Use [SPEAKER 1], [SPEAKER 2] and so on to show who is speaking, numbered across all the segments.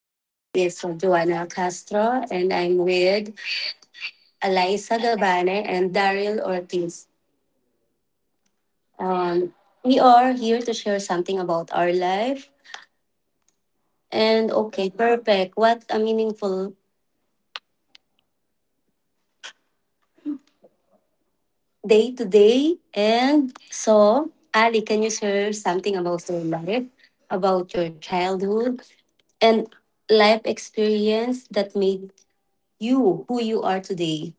[SPEAKER 1] My name is Joanna Castro, and I'm with Eliza Gabane and Daryl Ortiz. Um, we are here to share something about our life. And okay, perfect. What a meaningful day today. And so, Ali, can you share something about your life, about your childhood, and life experience that made you who you are today?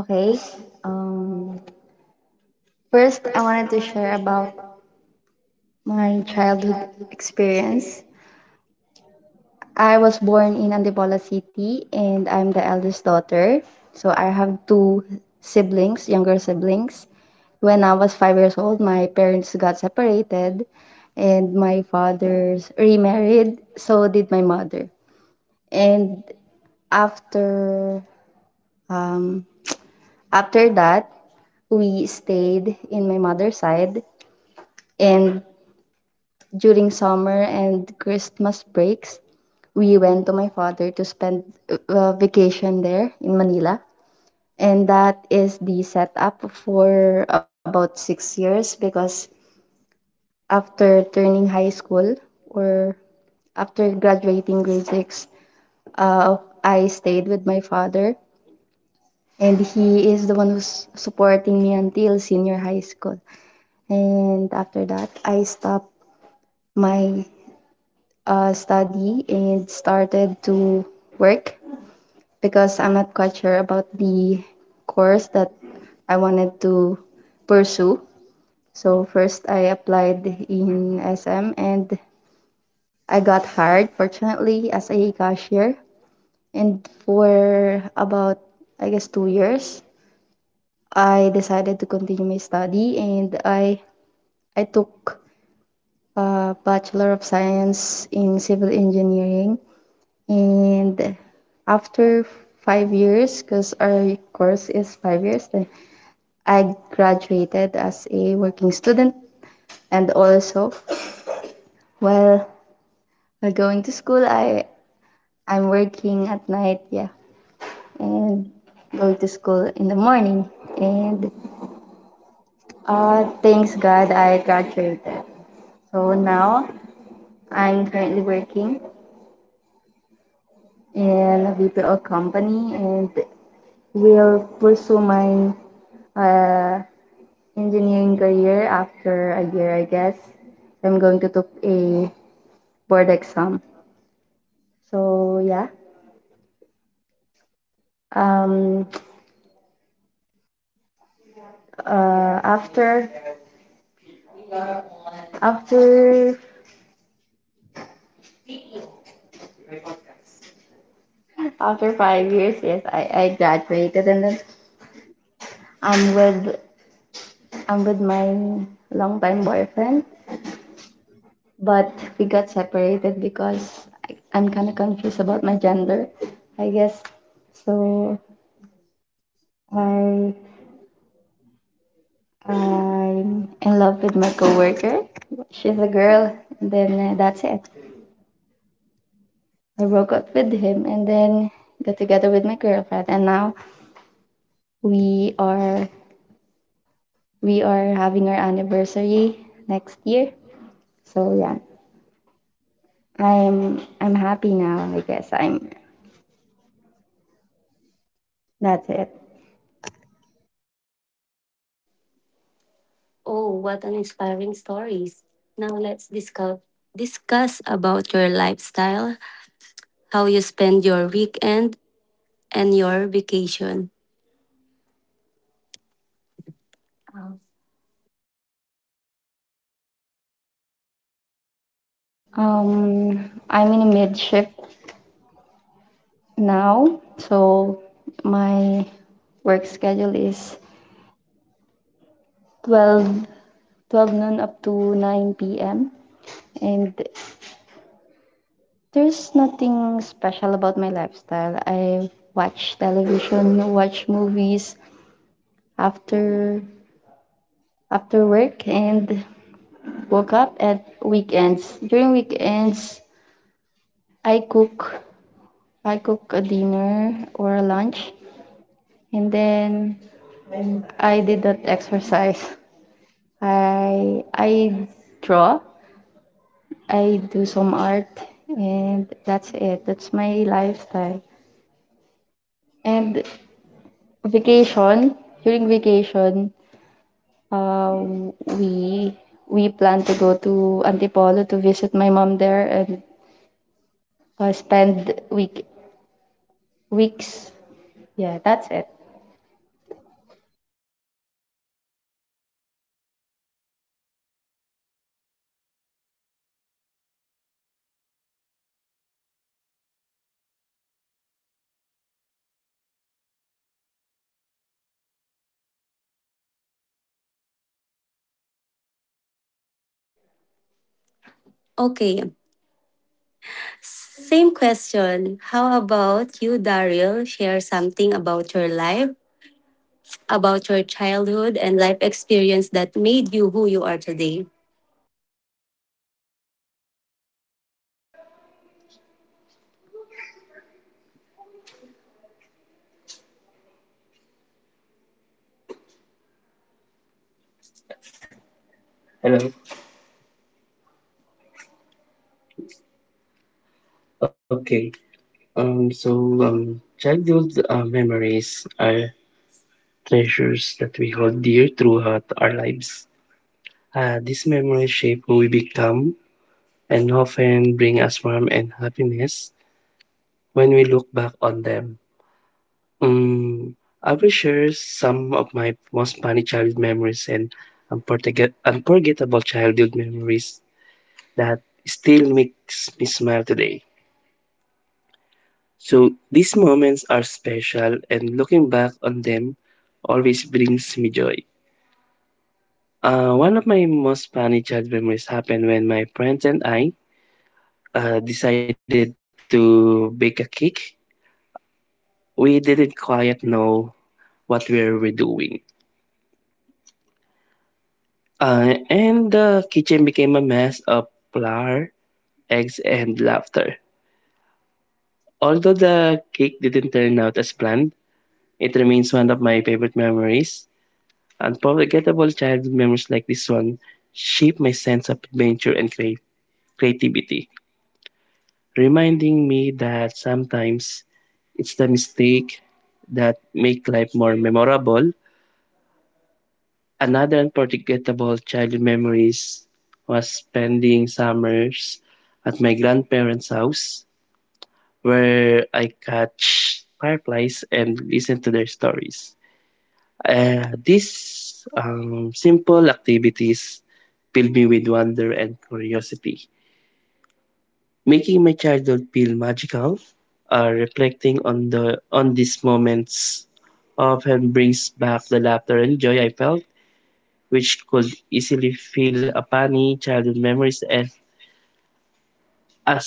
[SPEAKER 2] Okay. Um, First, I wanted to share about my childhood experience. I was born in Antipolo City and I'm the eldest daughter. So I have two siblings, younger siblings. When I was 5 years old, my parents got separated and my father's remarried, so did my mother. And after um, after that, we stayed in my mother's side, and during summer and Christmas breaks, we went to my father to spend vacation there in Manila. And that is the setup for about 6 years because after turning high school, or after graduating grade six, uh, I stayed with my father. And he is the one who's supporting me until senior high school. And after that, I stopped my study and started to work because I'm not quite sure about the course that I wanted to pursue. So first I applied in SM and I got hired fortunately as a cashier, and for about, I guess, 2 years, I decided to continue my study, and I took a Bachelor of Science in Civil Engineering. And after 5 years, because our course is 5 years, then I graduated as a working student. And also, while, while going to school, I'm working at night, yeah, and going to school in the morning. And thanks God, I graduated. So now I'm currently working in a VPO company and will pursue my uh, engineering career after a year, I guess. I'm going to take a board exam. So yeah. Um. Uh. After after after 5 years, yes, I graduated, and then I'm with I'm with my longtime boyfriend, but we got separated because I'm kind of confused about my gender, I guess. So I I'm in love with my coworker. She's a girl, and then that's it. I broke up with him, and then got together with my girlfriend, and now we are we are having our anniversary next year. So yeah, I'm happy now. I guess I'm. That's it.
[SPEAKER 1] Oh, what an inspiring stories. Now let's discuss about your lifestyle, how you spend your weekend and your vacation.
[SPEAKER 2] Okay. About my lifestyle, I'm in a mid shift now, so my work schedule is 12 12 noon up to 9 p.m. And there's nothing special about my lifestyle. I watch television, watch movies after after work and woke up at weekends. During weekends, I cook I cook a dinner or a lunch, and then I did that exercise. I draw, I do some art, and that's it. That's my lifestyle. And vacation, during vacation, uh, we we plan to go to Antipolo to visit my mom there and spend weeks. Yeah, that's it.
[SPEAKER 1] Okay, same question. How about you, Daryl? Share something about your life, about your childhood and life experience that made you who you are today.
[SPEAKER 3] Hello. Okay. Childhood memories are treasures that we hold dear throughout our lives. These memories shape who we become and often bring us warmth and happiness when we look back on them. Um, I will share some of my most funny childhood memories and unforgettable childhood memories that still makes me smile today. So these moments are special, and looking back on them always brings me joy. One of my most funny childhood memories happened when my friends and I decided to bake a cake. We didn't quite know what we were doing, and the kitchen became a mess of flour, eggs, and laughter. Although the cake didn't turn out as planned, it remains one of my favorite memories. Unforgettable childhood memories like this one shape my sense of adventure and creativity, reminding me that sometimes it's the mistake that make life more memorable. Another unforgettable childhood memories was spending summers at my grandparents' house where I catch fireflies and listen to their stories. These simple activities filled me with wonder and curiosity, making my childhood feel magical. Reflecting on these moments often brings back the laughter and joy I felt, which could easily fill a funny childhood memories and as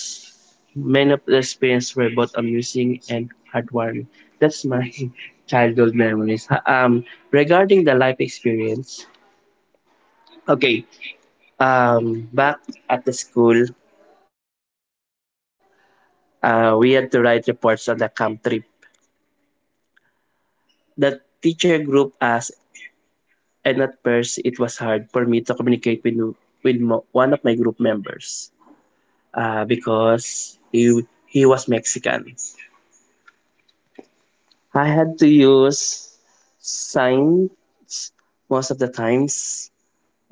[SPEAKER 3] many of the experiences were both amusing and heartwarming. That's my childhood memories. Regarding the life experience, okay, back at the school, we had to write reports on the camp trip. The teacher group asked, and at first it was hard for me to communicate with one of my group members because he was Mexican. I had to use signs most of the times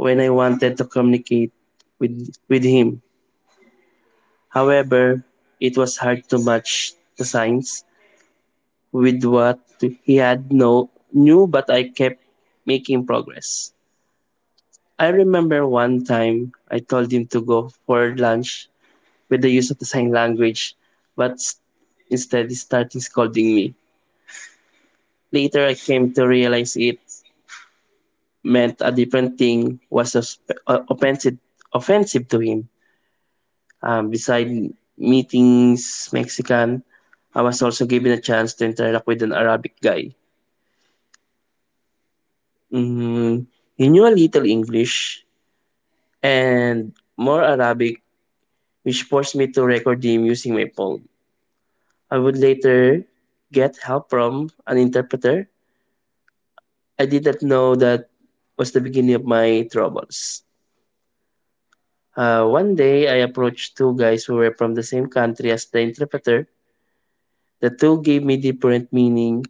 [SPEAKER 3] when I wanted to communicate with him. However, it was hard to match the signs with what he had no knew, but I kept making progress. I remember one time I told him to go for lunch with the use of the sign language, but instead he started scolding me. Later, I came to realize it meant a different thing was uh, offensive, offensive to him. Beside meetings Mexican, I was also given a chance to interact with an Arabic guy. Mm, he knew a little English, and more Arabic, which forced me to record them using my phone. I would later get help from an interpreter. I did not know that was the beginning of my troubles. One day, I approached two guys who were from the same country as the interpreter. The two gave me different meaning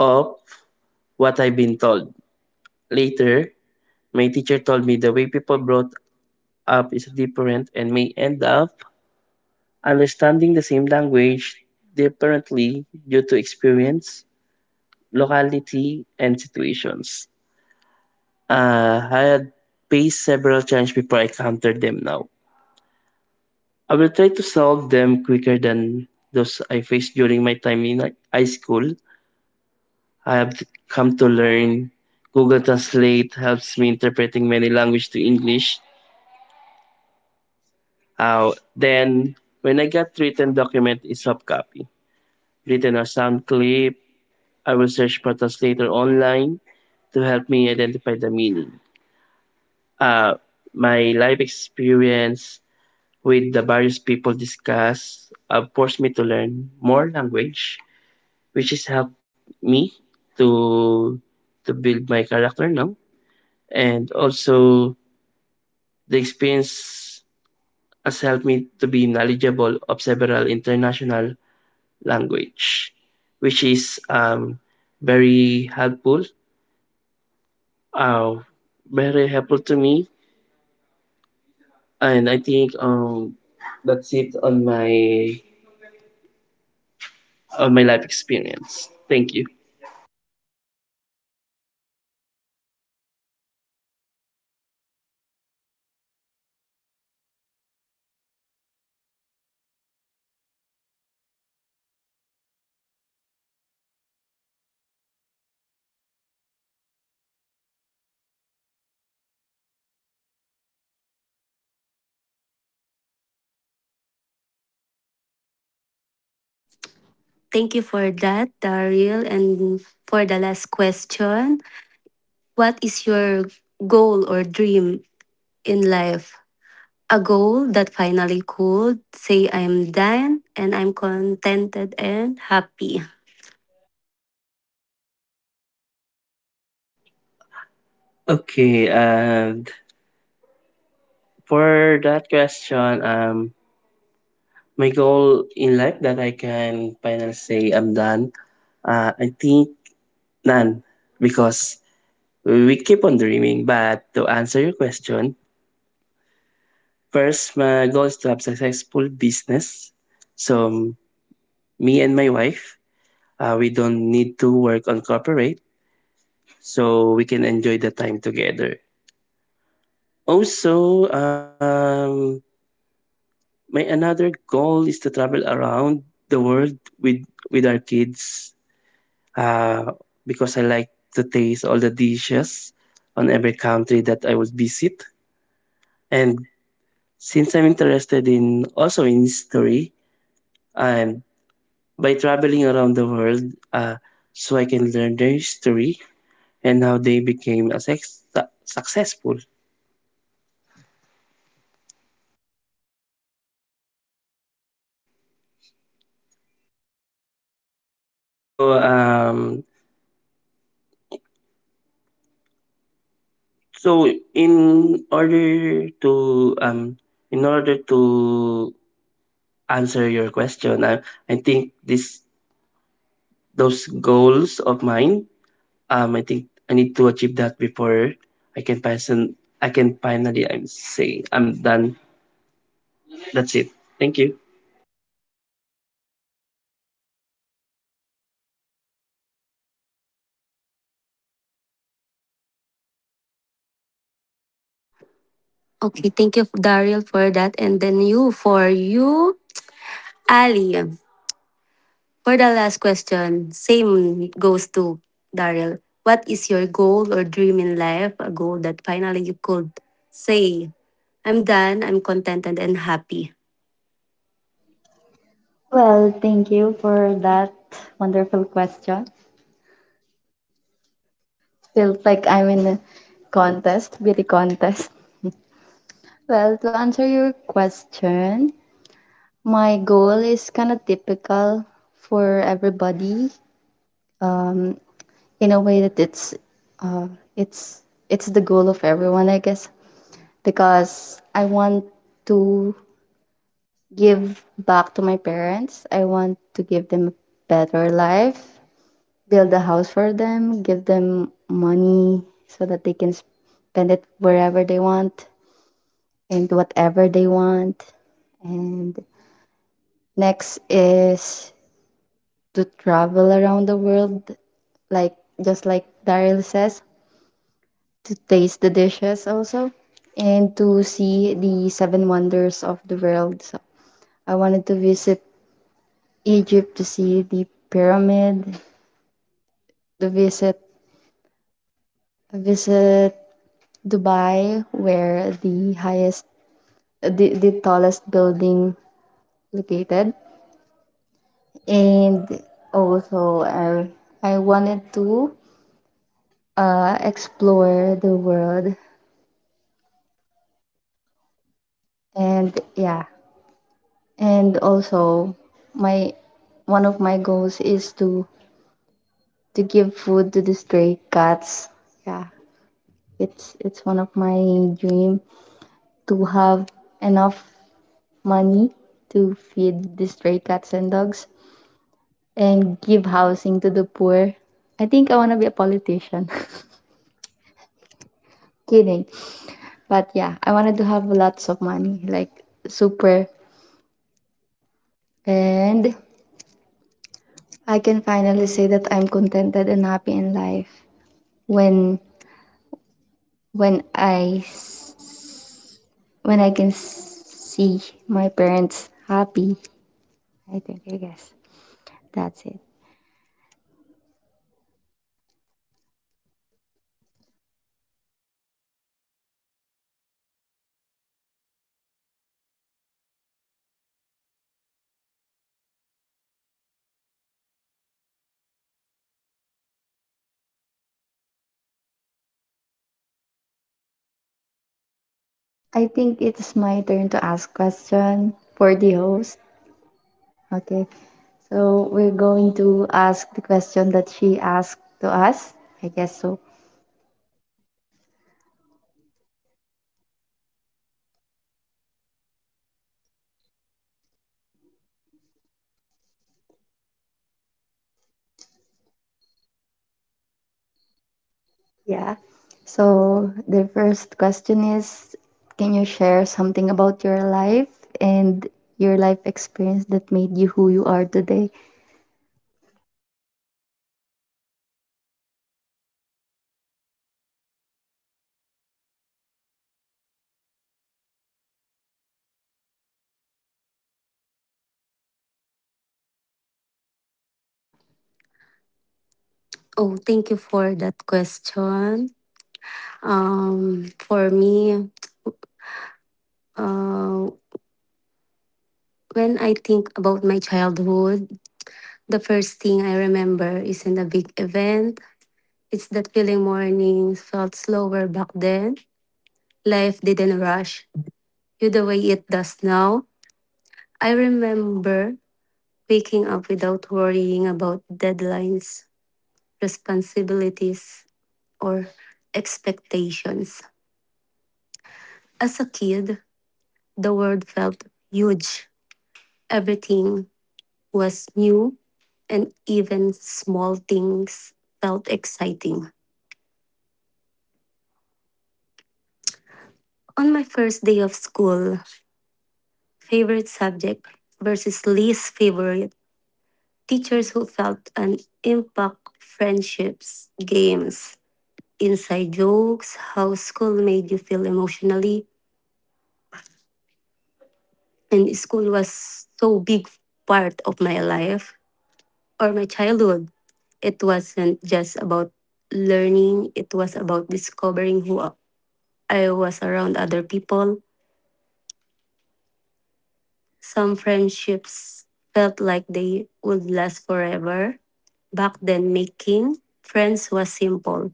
[SPEAKER 3] of what I've been told. Later, my teacher told me the way people brought up is different and may end up understanding the same language differently due to experience, locality, and situations. I had faced several challenges before I encountered them now. I will try to solve them quicker than those I faced during my time in high school. I have come to learn Google Translate helps me interpreting many language to English. Then, when I got written document is soft copy, written or sound clip, I will search for translator online to help me identify the meaning. Uh, my life experience with the various people discussed forced me to learn more language, which has helped me to to build my character now. And also the experience has helped me to be knowledgeable of several international language, which is very helpful uh, very helpful to me, and I think that's it on my life experience. Thank you.
[SPEAKER 1] Thank you for that, Daryl. And for the last question, what is your goal or dream in life? A goal that finally could say I am done and I'm contented and happy.
[SPEAKER 3] Okay, and for that question, my goal in life that I can finally say I'm done. I think none because we keep on dreaming. But to answer your question, first, my goal is to have successful business. So me and my wife, we don't need to work on corporate so we can enjoy the time together. Also, my another goal is to travel around the world with our kids uh, because I like to taste all the dishes on every country that I would visit. And since I'm interested in also in history, and by traveling around the world, uh, so I can learn their history and how they became a successful. So um, So in order to um in order to answer your question, I think this those goals of mine, I think I need to achieve that before I can person I can finally I'm say I'm done. That's it. Thank you.
[SPEAKER 1] Okay, thank you, Daryl, for that. And then you, for you, Ali. For the last question, same goes to Daryl. What is your goal or dream in life? A goal that finally you could say, I'm done, I'm contented and happy.
[SPEAKER 2] Well, thank you for that wonderful question. Feel like I'm in a contest, beauty contest. Well, to answer your question, my goal is kind of typical for everybody. Um, in a way that uh, it's it's the goal of everyone, I guess. Because I want to give back to my parents, I want to give them a better life, build a house for them, give them money so that they can spend it wherever they want and whatever they want. And next is to travel around the world, like, just like Daryl says, to taste the dishes also, and to see the seven wonders of the world. So I wanted to visit Egypt to see the pyramid, to visit Dubai where the highest, the tallest building located. And also I wanted to explore the world, and yeah. And also, my one of my goals is to give food to the stray cats. Yeah, it's one of my dream to have enough money to feed the stray cats and dogs and give housing to the poor. I think I want to be a politician. Kidding. But yeah, I wanted to have lots of money, like, super. And I can finally say that I'm contented and happy in life when when I s- when I can s- see my parents happy, I think. I guess that's it. I think it's my turn to ask question for the host. Okay. So we're going to ask the question that she asked to us. I guess so. Yeah. So the first question is, can you share something about your life and your life experience that made you who you are today?
[SPEAKER 1] Oh, thank you for that question. For me, uh, when I think about my childhood, the first thing I remember isn't a big event. It's that feeling mornings felt slower back then. Life didn't rush you the way it does now. I remember waking up without worrying about deadlines, responsibilities, or expectations. As a kid, the world felt huge. Everything was new, and even small things felt exciting. On my first day of school, favorite subject versus least favorite, teachers who felt an impact, friendships, games, inside jokes, how school made you feel emotionally, and school was so big part of my life or my childhood. It wasn't just about learning, it was about discovering who I was around other people. Some friendships felt like they would last forever. Back then, making friends was simple.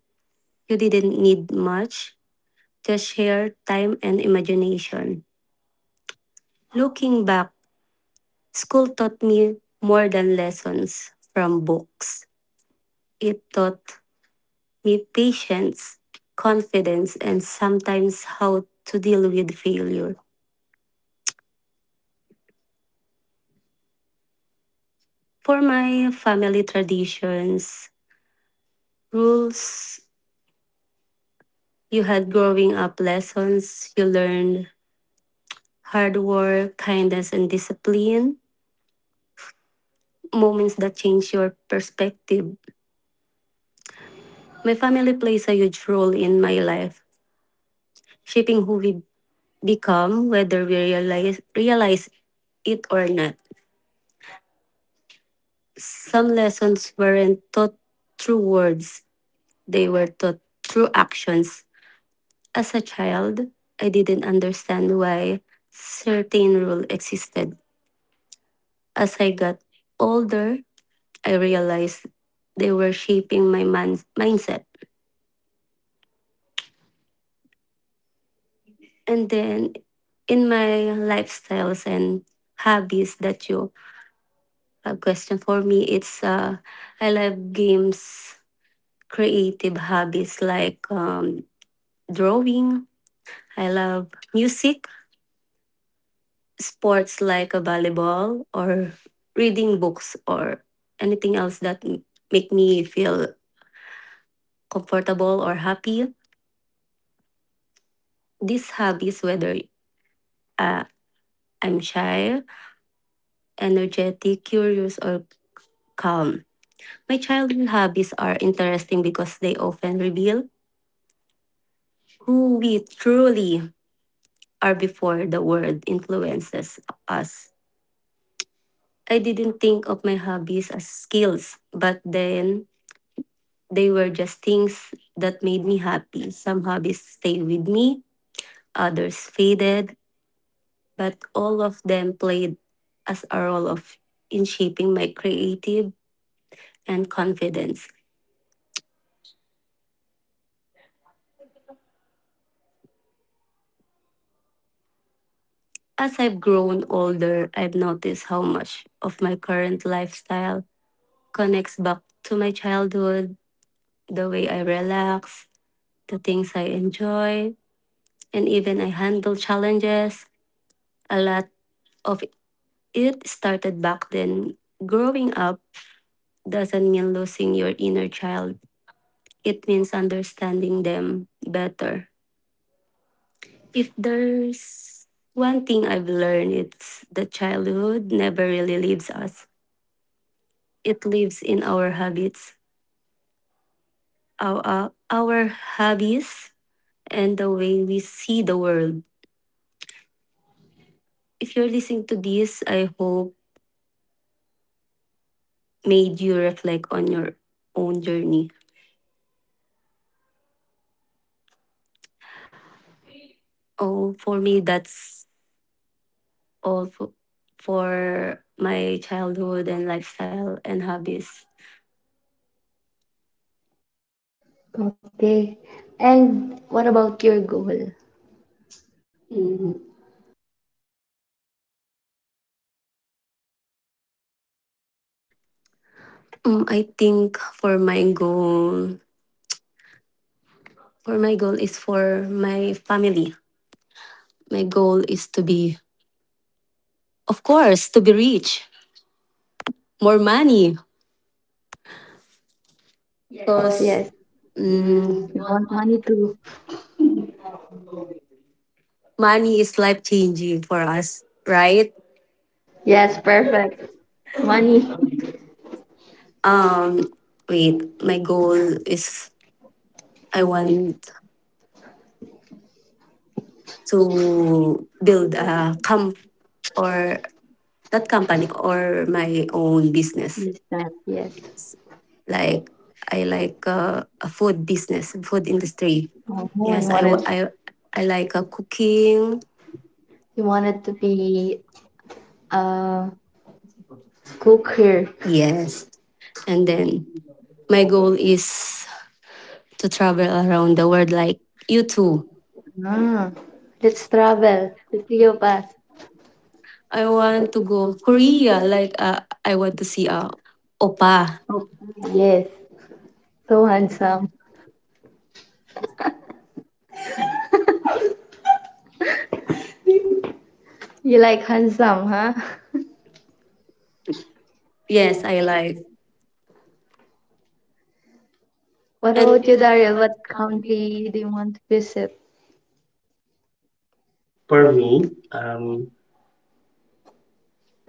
[SPEAKER 1] You didn't need much, just share time and imagination. Looking back, school taught me more than lessons from books. It taught me patience, confidence, and sometimes how to deal with failure. For my family traditions, rules you had growing up, lessons you learned, hard work, kindness, and discipline, moments that change your perspective. My family plays a huge role in my life, shaping who we become, whether we realize it or not. Some lessons weren't taught through words, they were taught through actions. As a child, I didn't understand why certain rules existed. As I got older, I realized they were shaping my mindset. And then in my lifestyles and hobbies that you have questioned for me, it's I love games, creative hobbies like drawing. I love music, sports like a volleyball or reading books or anything else that make me feel comfortable or happy. These hobbies, whether uh, I'm shy, energetic, curious, or calm. My childhood hobbies are interesting because they often reveal who we truly are before the world influences us. I didn't think of my hobbies as skills, but then they were just things that made me happy. Some hobbies stayed with me, others faded, but all of them played as a role of in shaping my creative and confidence. As I've grown older, I've noticed how much of my current lifestyle connects back to my childhood, the way I relax, the things I enjoy, and even I handle challenges. A lot of it started back then. Growing up doesn't mean losing your inner child, it means understanding them better. If there's one thing I've learned, it's that childhood never really leaves us. It lives in our habits, our hobbies, and the way we see the world. If you're listening to this, I hope made you reflect on your own journey. Oh, for me, that's all for my childhood and lifestyle and hobbies.
[SPEAKER 2] Okay. And what about your goal?
[SPEAKER 1] I think for my goal is for my family. My goal is to be, of course, to be rich, more money,
[SPEAKER 2] Yes,
[SPEAKER 1] because
[SPEAKER 2] yes.
[SPEAKER 1] mm,
[SPEAKER 2] You want money too.
[SPEAKER 1] money is life changing for us, right?
[SPEAKER 2] Yes, perfect. Money.
[SPEAKER 1] Um, wait, my goal is I
[SPEAKER 2] I want
[SPEAKER 1] want to build a comp or that company or my own
[SPEAKER 2] to
[SPEAKER 1] business.
[SPEAKER 2] be, yes.
[SPEAKER 1] Yes. Like I like a food business, food industry.
[SPEAKER 2] Oh, no, he, yes,
[SPEAKER 1] Yes, I wa-
[SPEAKER 2] wanted.
[SPEAKER 1] I like cooking.
[SPEAKER 2] He wanted to be a cooker.
[SPEAKER 1] Yes, and then my goal is to travel around the world like you too.
[SPEAKER 2] Ah, let's travel the three of us.
[SPEAKER 1] I want to go Korea. Like I want to see oppa.
[SPEAKER 2] Yes, so handsome. You like handsome, huh?
[SPEAKER 1] Yes, I like. What
[SPEAKER 2] What
[SPEAKER 1] about
[SPEAKER 2] about
[SPEAKER 1] you
[SPEAKER 2] you,
[SPEAKER 1] consider
[SPEAKER 2] Daryl?
[SPEAKER 1] what
[SPEAKER 2] What
[SPEAKER 1] country?
[SPEAKER 2] country do you want to visit? For
[SPEAKER 3] For
[SPEAKER 2] me,
[SPEAKER 3] me,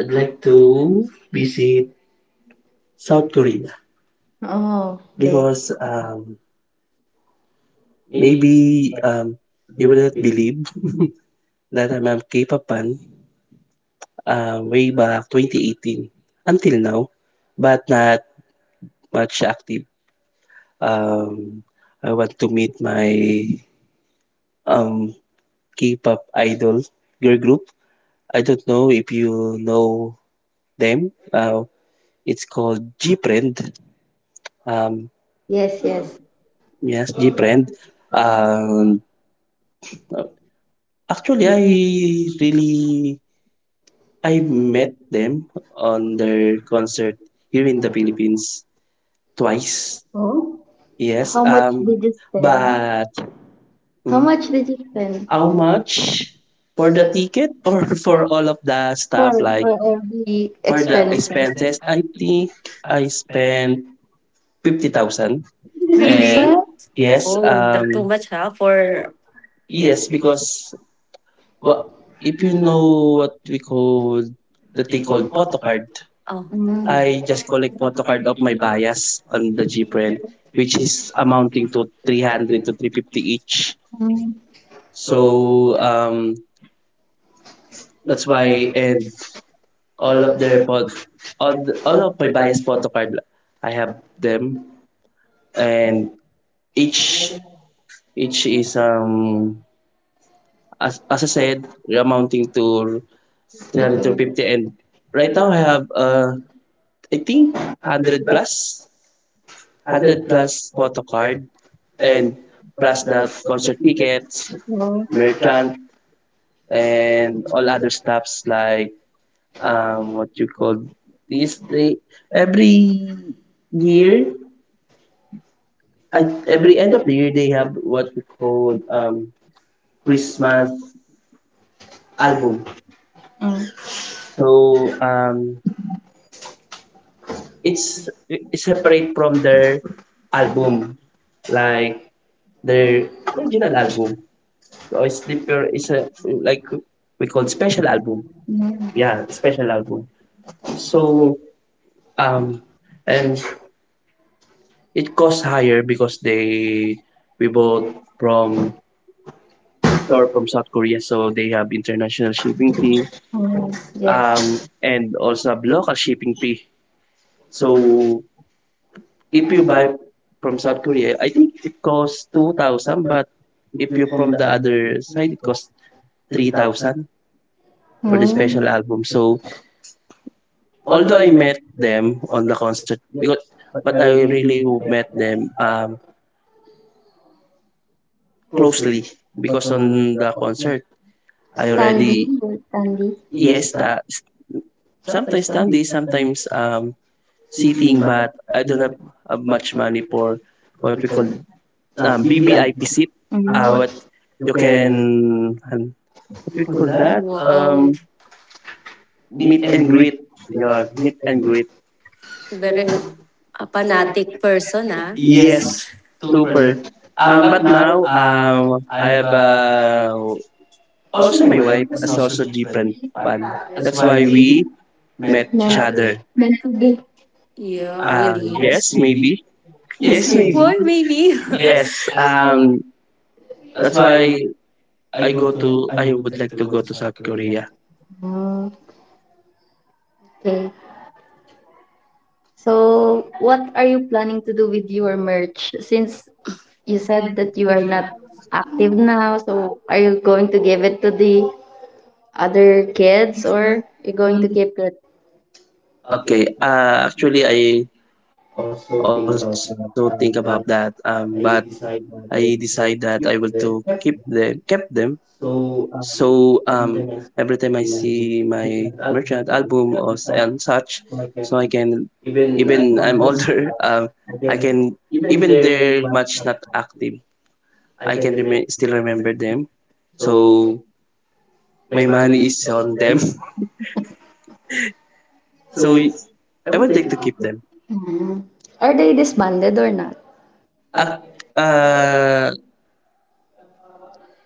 [SPEAKER 2] I'd
[SPEAKER 3] I'd
[SPEAKER 2] like
[SPEAKER 3] like
[SPEAKER 2] to be
[SPEAKER 3] to
[SPEAKER 2] in
[SPEAKER 3] visit
[SPEAKER 2] South
[SPEAKER 3] South
[SPEAKER 2] Korea.
[SPEAKER 3] Korea
[SPEAKER 2] Oh, okay, because
[SPEAKER 3] because um
[SPEAKER 2] maybe
[SPEAKER 3] maybe um you
[SPEAKER 2] you
[SPEAKER 3] will
[SPEAKER 2] don't
[SPEAKER 3] not
[SPEAKER 2] believe.
[SPEAKER 3] believe that I'm a K-pop fan. Way back 2018 until now, but not much active. Um, I want to meet my um, K-pop idol girl group. I don't know if you know them. It's called Gfriend. Um,
[SPEAKER 2] Yes, yes.
[SPEAKER 3] yes, Gfriend.
[SPEAKER 2] um,
[SPEAKER 3] And uh, actually, I
[SPEAKER 2] I,
[SPEAKER 3] met them on
[SPEAKER 2] and it
[SPEAKER 3] their
[SPEAKER 2] was,
[SPEAKER 3] concert here in
[SPEAKER 2] in
[SPEAKER 3] the
[SPEAKER 2] the building
[SPEAKER 3] Philippines
[SPEAKER 2] twice.
[SPEAKER 3] twice.
[SPEAKER 2] Oh, yes.
[SPEAKER 3] Yes,
[SPEAKER 2] How much?
[SPEAKER 3] um,
[SPEAKER 2] Did you spend? But
[SPEAKER 3] but
[SPEAKER 2] how
[SPEAKER 3] mm,
[SPEAKER 2] much did you spend,
[SPEAKER 3] how
[SPEAKER 2] how much
[SPEAKER 3] much for
[SPEAKER 2] for
[SPEAKER 3] the
[SPEAKER 2] the ticket?
[SPEAKER 3] ticket or for
[SPEAKER 2] For,
[SPEAKER 3] all of the stuff
[SPEAKER 2] accommodation?
[SPEAKER 3] like
[SPEAKER 2] For every the
[SPEAKER 3] for the
[SPEAKER 2] expense? Expenses,
[SPEAKER 3] expenses? I
[SPEAKER 2] I
[SPEAKER 3] think I spent
[SPEAKER 2] spent 50,000.
[SPEAKER 3] 50,000. And
[SPEAKER 1] Really?
[SPEAKER 2] Sir?
[SPEAKER 1] Yes.
[SPEAKER 2] Yes.
[SPEAKER 3] yes,
[SPEAKER 1] Oh, that too
[SPEAKER 3] um,
[SPEAKER 1] much, huh? For
[SPEAKER 3] yes,
[SPEAKER 2] Yes, because,
[SPEAKER 3] because what
[SPEAKER 2] well, if
[SPEAKER 3] if
[SPEAKER 2] you
[SPEAKER 3] you know
[SPEAKER 2] know
[SPEAKER 3] what we call the thing
[SPEAKER 2] the code,
[SPEAKER 3] called
[SPEAKER 2] point.
[SPEAKER 3] photocard,
[SPEAKER 1] oh.
[SPEAKER 2] Mm,
[SPEAKER 1] I
[SPEAKER 2] I
[SPEAKER 3] I just
[SPEAKER 1] for
[SPEAKER 2] spent
[SPEAKER 3] collect
[SPEAKER 1] not to kind
[SPEAKER 3] photocard
[SPEAKER 1] of
[SPEAKER 3] of my
[SPEAKER 1] like that. Yes.
[SPEAKER 3] bias on
[SPEAKER 1] I'm
[SPEAKER 3] the
[SPEAKER 1] looking for
[SPEAKER 3] GPRINT,
[SPEAKER 1] it.
[SPEAKER 3] which
[SPEAKER 2] this.
[SPEAKER 3] is amounting to 300 to 350 each.
[SPEAKER 2] Mm, so
[SPEAKER 3] So, um, That's
[SPEAKER 2] that's
[SPEAKER 3] why
[SPEAKER 2] why
[SPEAKER 3] and all
[SPEAKER 2] all
[SPEAKER 3] of
[SPEAKER 2] of
[SPEAKER 3] their
[SPEAKER 2] their.
[SPEAKER 3] pot all,
[SPEAKER 2] But all
[SPEAKER 3] all of
[SPEAKER 2] of
[SPEAKER 3] my
[SPEAKER 2] my
[SPEAKER 3] bias
[SPEAKER 2] time for
[SPEAKER 3] photo
[SPEAKER 2] them,
[SPEAKER 3] card I
[SPEAKER 2] I
[SPEAKER 3] have
[SPEAKER 2] have
[SPEAKER 3] them
[SPEAKER 2] them,
[SPEAKER 3] and
[SPEAKER 2] and each
[SPEAKER 3] each each
[SPEAKER 2] each
[SPEAKER 3] is
[SPEAKER 2] is as
[SPEAKER 3] as
[SPEAKER 2] I
[SPEAKER 3] I
[SPEAKER 2] said,
[SPEAKER 3] said amounting to
[SPEAKER 2] they are little bit.
[SPEAKER 3] 350 and right
[SPEAKER 2] Right now,
[SPEAKER 3] now
[SPEAKER 2] I
[SPEAKER 3] I
[SPEAKER 2] have,
[SPEAKER 3] have I
[SPEAKER 2] I think,
[SPEAKER 3] think 100
[SPEAKER 2] 100 plus,
[SPEAKER 3] plus
[SPEAKER 2] hundred
[SPEAKER 3] 100
[SPEAKER 2] plus
[SPEAKER 3] plus photo
[SPEAKER 2] waterfall,
[SPEAKER 3] card
[SPEAKER 2] and
[SPEAKER 3] and plus
[SPEAKER 2] plus the
[SPEAKER 3] the concert tickets merchant
[SPEAKER 2] American and
[SPEAKER 3] and all other stuffs like
[SPEAKER 2] um
[SPEAKER 3] what you call this
[SPEAKER 2] history.
[SPEAKER 3] they
[SPEAKER 2] Every
[SPEAKER 3] every year
[SPEAKER 2] year, and
[SPEAKER 3] at
[SPEAKER 2] every
[SPEAKER 3] every
[SPEAKER 2] end
[SPEAKER 3] end
[SPEAKER 2] of
[SPEAKER 3] of
[SPEAKER 2] the
[SPEAKER 3] the year
[SPEAKER 2] year, we
[SPEAKER 3] they
[SPEAKER 2] have
[SPEAKER 3] have
[SPEAKER 2] what
[SPEAKER 3] what
[SPEAKER 2] we
[SPEAKER 3] we
[SPEAKER 2] call
[SPEAKER 3] call
[SPEAKER 2] um, Christmas
[SPEAKER 3] Christmas
[SPEAKER 2] album.
[SPEAKER 3] album.
[SPEAKER 2] So
[SPEAKER 3] So um,
[SPEAKER 2] um,
[SPEAKER 3] it's
[SPEAKER 2] it's
[SPEAKER 3] it's separate
[SPEAKER 2] separate from
[SPEAKER 3] from
[SPEAKER 2] the
[SPEAKER 3] their album,
[SPEAKER 2] album.
[SPEAKER 3] like
[SPEAKER 2] Like the
[SPEAKER 3] their
[SPEAKER 2] original
[SPEAKER 3] original album.
[SPEAKER 2] album,
[SPEAKER 3] So
[SPEAKER 2] or
[SPEAKER 3] it's
[SPEAKER 2] Slipper,
[SPEAKER 3] deeper.
[SPEAKER 2] is
[SPEAKER 3] It's a
[SPEAKER 2] a,
[SPEAKER 3] like we
[SPEAKER 2] we
[SPEAKER 3] call
[SPEAKER 2] call special
[SPEAKER 3] special
[SPEAKER 2] album.
[SPEAKER 3] album. Yeah,
[SPEAKER 2] Yeah, special
[SPEAKER 3] special
[SPEAKER 2] album.
[SPEAKER 3] album. So
[SPEAKER 2] So um,
[SPEAKER 3] um, and
[SPEAKER 2] and it
[SPEAKER 3] it costs
[SPEAKER 2] costs
[SPEAKER 3] higher
[SPEAKER 2] higher to
[SPEAKER 3] because they
[SPEAKER 2] go
[SPEAKER 3] we bought
[SPEAKER 2] from
[SPEAKER 3] from
[SPEAKER 2] store
[SPEAKER 3] store from
[SPEAKER 2] from South
[SPEAKER 3] South
[SPEAKER 2] Korea.
[SPEAKER 3] Korea,
[SPEAKER 2] So
[SPEAKER 3] so they have international shipping
[SPEAKER 2] mm,
[SPEAKER 3] fee.
[SPEAKER 2] yes. Yes.
[SPEAKER 3] And also have local shipping fee. So
[SPEAKER 2] So if
[SPEAKER 3] if you
[SPEAKER 2] you
[SPEAKER 3] buy
[SPEAKER 2] buy
[SPEAKER 3] from
[SPEAKER 2] from
[SPEAKER 3] South
[SPEAKER 2] South Korea,
[SPEAKER 3] Korea,
[SPEAKER 2] I
[SPEAKER 3] I think
[SPEAKER 2] think
[SPEAKER 3] it
[SPEAKER 2] it costs
[SPEAKER 3] costs 2,000,
[SPEAKER 2] about
[SPEAKER 3] but
[SPEAKER 2] if
[SPEAKER 3] if you're
[SPEAKER 2] you from
[SPEAKER 3] from
[SPEAKER 2] the
[SPEAKER 3] the
[SPEAKER 2] other,
[SPEAKER 3] other side, it
[SPEAKER 2] it costs
[SPEAKER 3] costs
[SPEAKER 2] three
[SPEAKER 3] three
[SPEAKER 2] thousand
[SPEAKER 3] thousand
[SPEAKER 2] for the
[SPEAKER 3] for the
[SPEAKER 2] mm,
[SPEAKER 3] special
[SPEAKER 2] special.
[SPEAKER 3] album. So
[SPEAKER 2] Although
[SPEAKER 3] although
[SPEAKER 2] I
[SPEAKER 3] I
[SPEAKER 2] met
[SPEAKER 3] met them on the concert,
[SPEAKER 2] with,
[SPEAKER 3] because
[SPEAKER 2] but
[SPEAKER 3] but
[SPEAKER 2] I
[SPEAKER 3] I
[SPEAKER 2] really
[SPEAKER 3] really
[SPEAKER 2] knew that
[SPEAKER 3] met
[SPEAKER 2] them
[SPEAKER 3] them
[SPEAKER 2] uh, closely.
[SPEAKER 3] closely because on the concert
[SPEAKER 2] I
[SPEAKER 3] I
[SPEAKER 2] Sandy,
[SPEAKER 3] already
[SPEAKER 2] really, yes, Sandy. Yes,
[SPEAKER 3] yes,
[SPEAKER 2] that. So,
[SPEAKER 3] sometimes standing, sometimes
[SPEAKER 2] sitting
[SPEAKER 3] sitting,
[SPEAKER 2] back,
[SPEAKER 3] but
[SPEAKER 2] I
[SPEAKER 3] I
[SPEAKER 2] didn't
[SPEAKER 3] don't
[SPEAKER 2] have
[SPEAKER 3] have
[SPEAKER 2] much
[SPEAKER 3] much
[SPEAKER 2] money
[SPEAKER 3] money
[SPEAKER 2] for
[SPEAKER 3] for
[SPEAKER 2] what
[SPEAKER 3] what
[SPEAKER 2] you
[SPEAKER 3] we
[SPEAKER 2] call
[SPEAKER 3] call
[SPEAKER 2] BBI.
[SPEAKER 3] BBIP SIP.
[SPEAKER 2] Mm. What
[SPEAKER 3] What
[SPEAKER 2] you
[SPEAKER 3] you
[SPEAKER 2] can
[SPEAKER 3] can, what
[SPEAKER 2] do
[SPEAKER 3] we
[SPEAKER 1] For
[SPEAKER 2] for
[SPEAKER 3] call
[SPEAKER 2] that?
[SPEAKER 1] that.
[SPEAKER 3] that?
[SPEAKER 1] Wow,
[SPEAKER 2] Um, meet
[SPEAKER 3] Meet and
[SPEAKER 2] and greet.
[SPEAKER 3] greet.
[SPEAKER 2] Yeah,
[SPEAKER 3] Yeah, meet
[SPEAKER 2] and
[SPEAKER 3] and
[SPEAKER 2] greet.
[SPEAKER 3] greet.
[SPEAKER 1] very a fanatic person, ah.
[SPEAKER 2] Yeah,
[SPEAKER 1] Yes.
[SPEAKER 3] Yes,
[SPEAKER 2] super.
[SPEAKER 3] super. Um,
[SPEAKER 2] But
[SPEAKER 3] but
[SPEAKER 2] now,
[SPEAKER 3] now
[SPEAKER 2] um,
[SPEAKER 3] um, I have
[SPEAKER 2] also
[SPEAKER 3] also
[SPEAKER 2] my
[SPEAKER 3] my
[SPEAKER 2] wife,
[SPEAKER 3] wife is also different pan.
[SPEAKER 2] that's
[SPEAKER 3] That's
[SPEAKER 2] why
[SPEAKER 3] why
[SPEAKER 2] we
[SPEAKER 3] we
[SPEAKER 2] met
[SPEAKER 3] met
[SPEAKER 2] each. Nan,
[SPEAKER 3] each
[SPEAKER 2] other.
[SPEAKER 3] other.
[SPEAKER 2] Balik.
[SPEAKER 1] Yeah, ah,
[SPEAKER 2] Um,
[SPEAKER 1] really.
[SPEAKER 2] yes,
[SPEAKER 1] Yes,
[SPEAKER 3] Yes,
[SPEAKER 2] maybe.
[SPEAKER 1] maybe.
[SPEAKER 3] maybe.
[SPEAKER 1] Yes,
[SPEAKER 2] Yes,
[SPEAKER 3] Yes,
[SPEAKER 1] maybe.
[SPEAKER 3] maybe.
[SPEAKER 2] maybe.
[SPEAKER 1] Why, maybe? Yes.
[SPEAKER 3] Yes.
[SPEAKER 2] Um,
[SPEAKER 1] Um.
[SPEAKER 2] that's
[SPEAKER 3] That's why
[SPEAKER 2] why I
[SPEAKER 3] I
[SPEAKER 2] go
[SPEAKER 3] go
[SPEAKER 2] to.
[SPEAKER 3] to. I would like to go to South Korea.
[SPEAKER 2] Oh, okay. So, what are you planning to do with your merch? Since you said that you are not active now, so are you going to give it to the other kids or you're going to keep it?
[SPEAKER 3] Okay.
[SPEAKER 2] Okay.
[SPEAKER 3] Actually, I
[SPEAKER 2] Also
[SPEAKER 3] also
[SPEAKER 2] think
[SPEAKER 3] think
[SPEAKER 2] about
[SPEAKER 3] about that.
[SPEAKER 2] that, and that
[SPEAKER 3] But
[SPEAKER 2] I
[SPEAKER 3] I
[SPEAKER 2] decide
[SPEAKER 3] decide
[SPEAKER 2] that
[SPEAKER 3] that
[SPEAKER 2] I
[SPEAKER 3] I will
[SPEAKER 2] will
[SPEAKER 3] to
[SPEAKER 2] keep
[SPEAKER 3] keep
[SPEAKER 2] the
[SPEAKER 3] them,
[SPEAKER 2] kept.
[SPEAKER 3] kept them.
[SPEAKER 2] So
[SPEAKER 3] So um,
[SPEAKER 2] every
[SPEAKER 3] every
[SPEAKER 2] time
[SPEAKER 3] time
[SPEAKER 2] I
[SPEAKER 3] I
[SPEAKER 2] see
[SPEAKER 3] see
[SPEAKER 2] my
[SPEAKER 3] my
[SPEAKER 2] different
[SPEAKER 3] merchant
[SPEAKER 2] album
[SPEAKER 3] album
[SPEAKER 2] or
[SPEAKER 3] or and
[SPEAKER 2] different,
[SPEAKER 3] such, so
[SPEAKER 2] so I
[SPEAKER 3] I
[SPEAKER 2] can
[SPEAKER 3] can
[SPEAKER 2] even
[SPEAKER 3] even
[SPEAKER 2] I'm
[SPEAKER 3] I'm
[SPEAKER 2] on,
[SPEAKER 3] older.
[SPEAKER 2] I
[SPEAKER 3] I
[SPEAKER 2] can
[SPEAKER 3] can
[SPEAKER 2] even
[SPEAKER 3] even
[SPEAKER 2] there
[SPEAKER 3] they're
[SPEAKER 2] might
[SPEAKER 3] much
[SPEAKER 2] not
[SPEAKER 3] not
[SPEAKER 2] happen.
[SPEAKER 3] active.
[SPEAKER 2] I
[SPEAKER 3] I
[SPEAKER 2] can
[SPEAKER 3] can
[SPEAKER 2] remain,
[SPEAKER 3] remain still remember them.
[SPEAKER 2] so
[SPEAKER 3] So
[SPEAKER 2] my
[SPEAKER 3] my
[SPEAKER 2] money
[SPEAKER 3] money
[SPEAKER 2] is
[SPEAKER 3] is
[SPEAKER 2] not
[SPEAKER 3] on them.
[SPEAKER 2] there. So
[SPEAKER 3] So
[SPEAKER 2] it's, I
[SPEAKER 3] I
[SPEAKER 2] will
[SPEAKER 3] would
[SPEAKER 2] take
[SPEAKER 3] like
[SPEAKER 2] the
[SPEAKER 3] to keep
[SPEAKER 2] picture.
[SPEAKER 3] them.
[SPEAKER 2] Mm. Are they disbanded or not? Uh,
[SPEAKER 3] Ac-
[SPEAKER 2] uh,
[SPEAKER 3] Uh,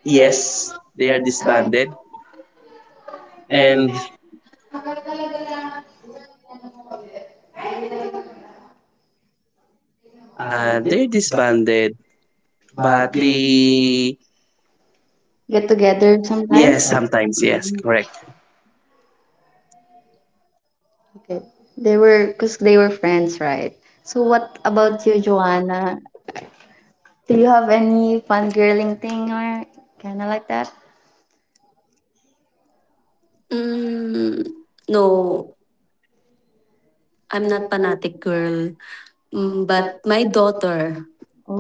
[SPEAKER 2] yes,
[SPEAKER 3] yes, they are
[SPEAKER 2] they're band.
[SPEAKER 3] disbanded
[SPEAKER 2] And
[SPEAKER 3] and
[SPEAKER 2] they're
[SPEAKER 3] they're
[SPEAKER 2] band,
[SPEAKER 3] disbanded,
[SPEAKER 2] but
[SPEAKER 3] but
[SPEAKER 2] they
[SPEAKER 3] they
[SPEAKER 2] get together. Yes, sometimes? Yes,
[SPEAKER 3] yes
[SPEAKER 2] happened.
[SPEAKER 3] sometimes yes correct.
[SPEAKER 2] Okay. They were, because they were friends, right? So what about you, Joanna? Do you have any fangirling thing or kind of like that?
[SPEAKER 1] Mm, no, I'm not fanatic girl, but my daughter.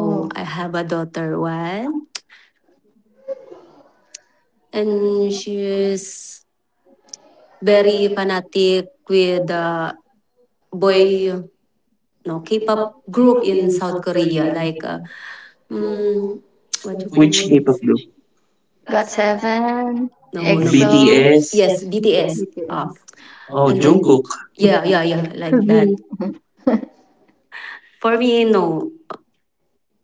[SPEAKER 1] Oh, I
[SPEAKER 2] I.
[SPEAKER 1] have a daughter one, and she is very fanatic with the boy, no K-pop group in South Korea, like mm, what you call
[SPEAKER 2] Which
[SPEAKER 3] Which
[SPEAKER 2] see. People?
[SPEAKER 3] K-pop
[SPEAKER 1] this?
[SPEAKER 3] group?
[SPEAKER 2] Got seven,
[SPEAKER 1] No, no.
[SPEAKER 2] EXO,
[SPEAKER 1] BTS.
[SPEAKER 3] BTS.
[SPEAKER 2] BTS
[SPEAKER 1] Yes, BTS. Ah, oh,
[SPEAKER 3] Oh,
[SPEAKER 2] or Jungkook?
[SPEAKER 1] Jungkook.
[SPEAKER 3] Jungkook.
[SPEAKER 1] Yeah, yeah, yeah, like
[SPEAKER 2] To
[SPEAKER 1] that.
[SPEAKER 2] be.
[SPEAKER 1] For me, no,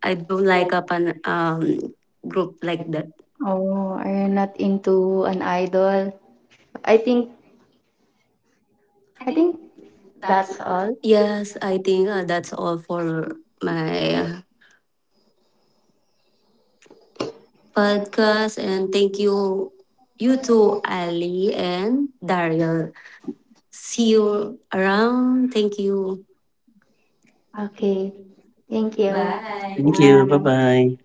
[SPEAKER 1] I don't like a pan, group like that.
[SPEAKER 2] Oh, are you not into an idol? I think, I think that's all.
[SPEAKER 1] Yes, I think that's all for my podcast. And thank you, you too, Ali and Daryl. See you around. Thank you.
[SPEAKER 2] Okay.
[SPEAKER 1] Thank
[SPEAKER 2] Thank
[SPEAKER 1] you.
[SPEAKER 2] you.
[SPEAKER 1] Bye. Thank
[SPEAKER 3] Thank
[SPEAKER 1] you.
[SPEAKER 3] you. Bye
[SPEAKER 1] Bye
[SPEAKER 2] Bye.
[SPEAKER 3] bye.
[SPEAKER 1] bye.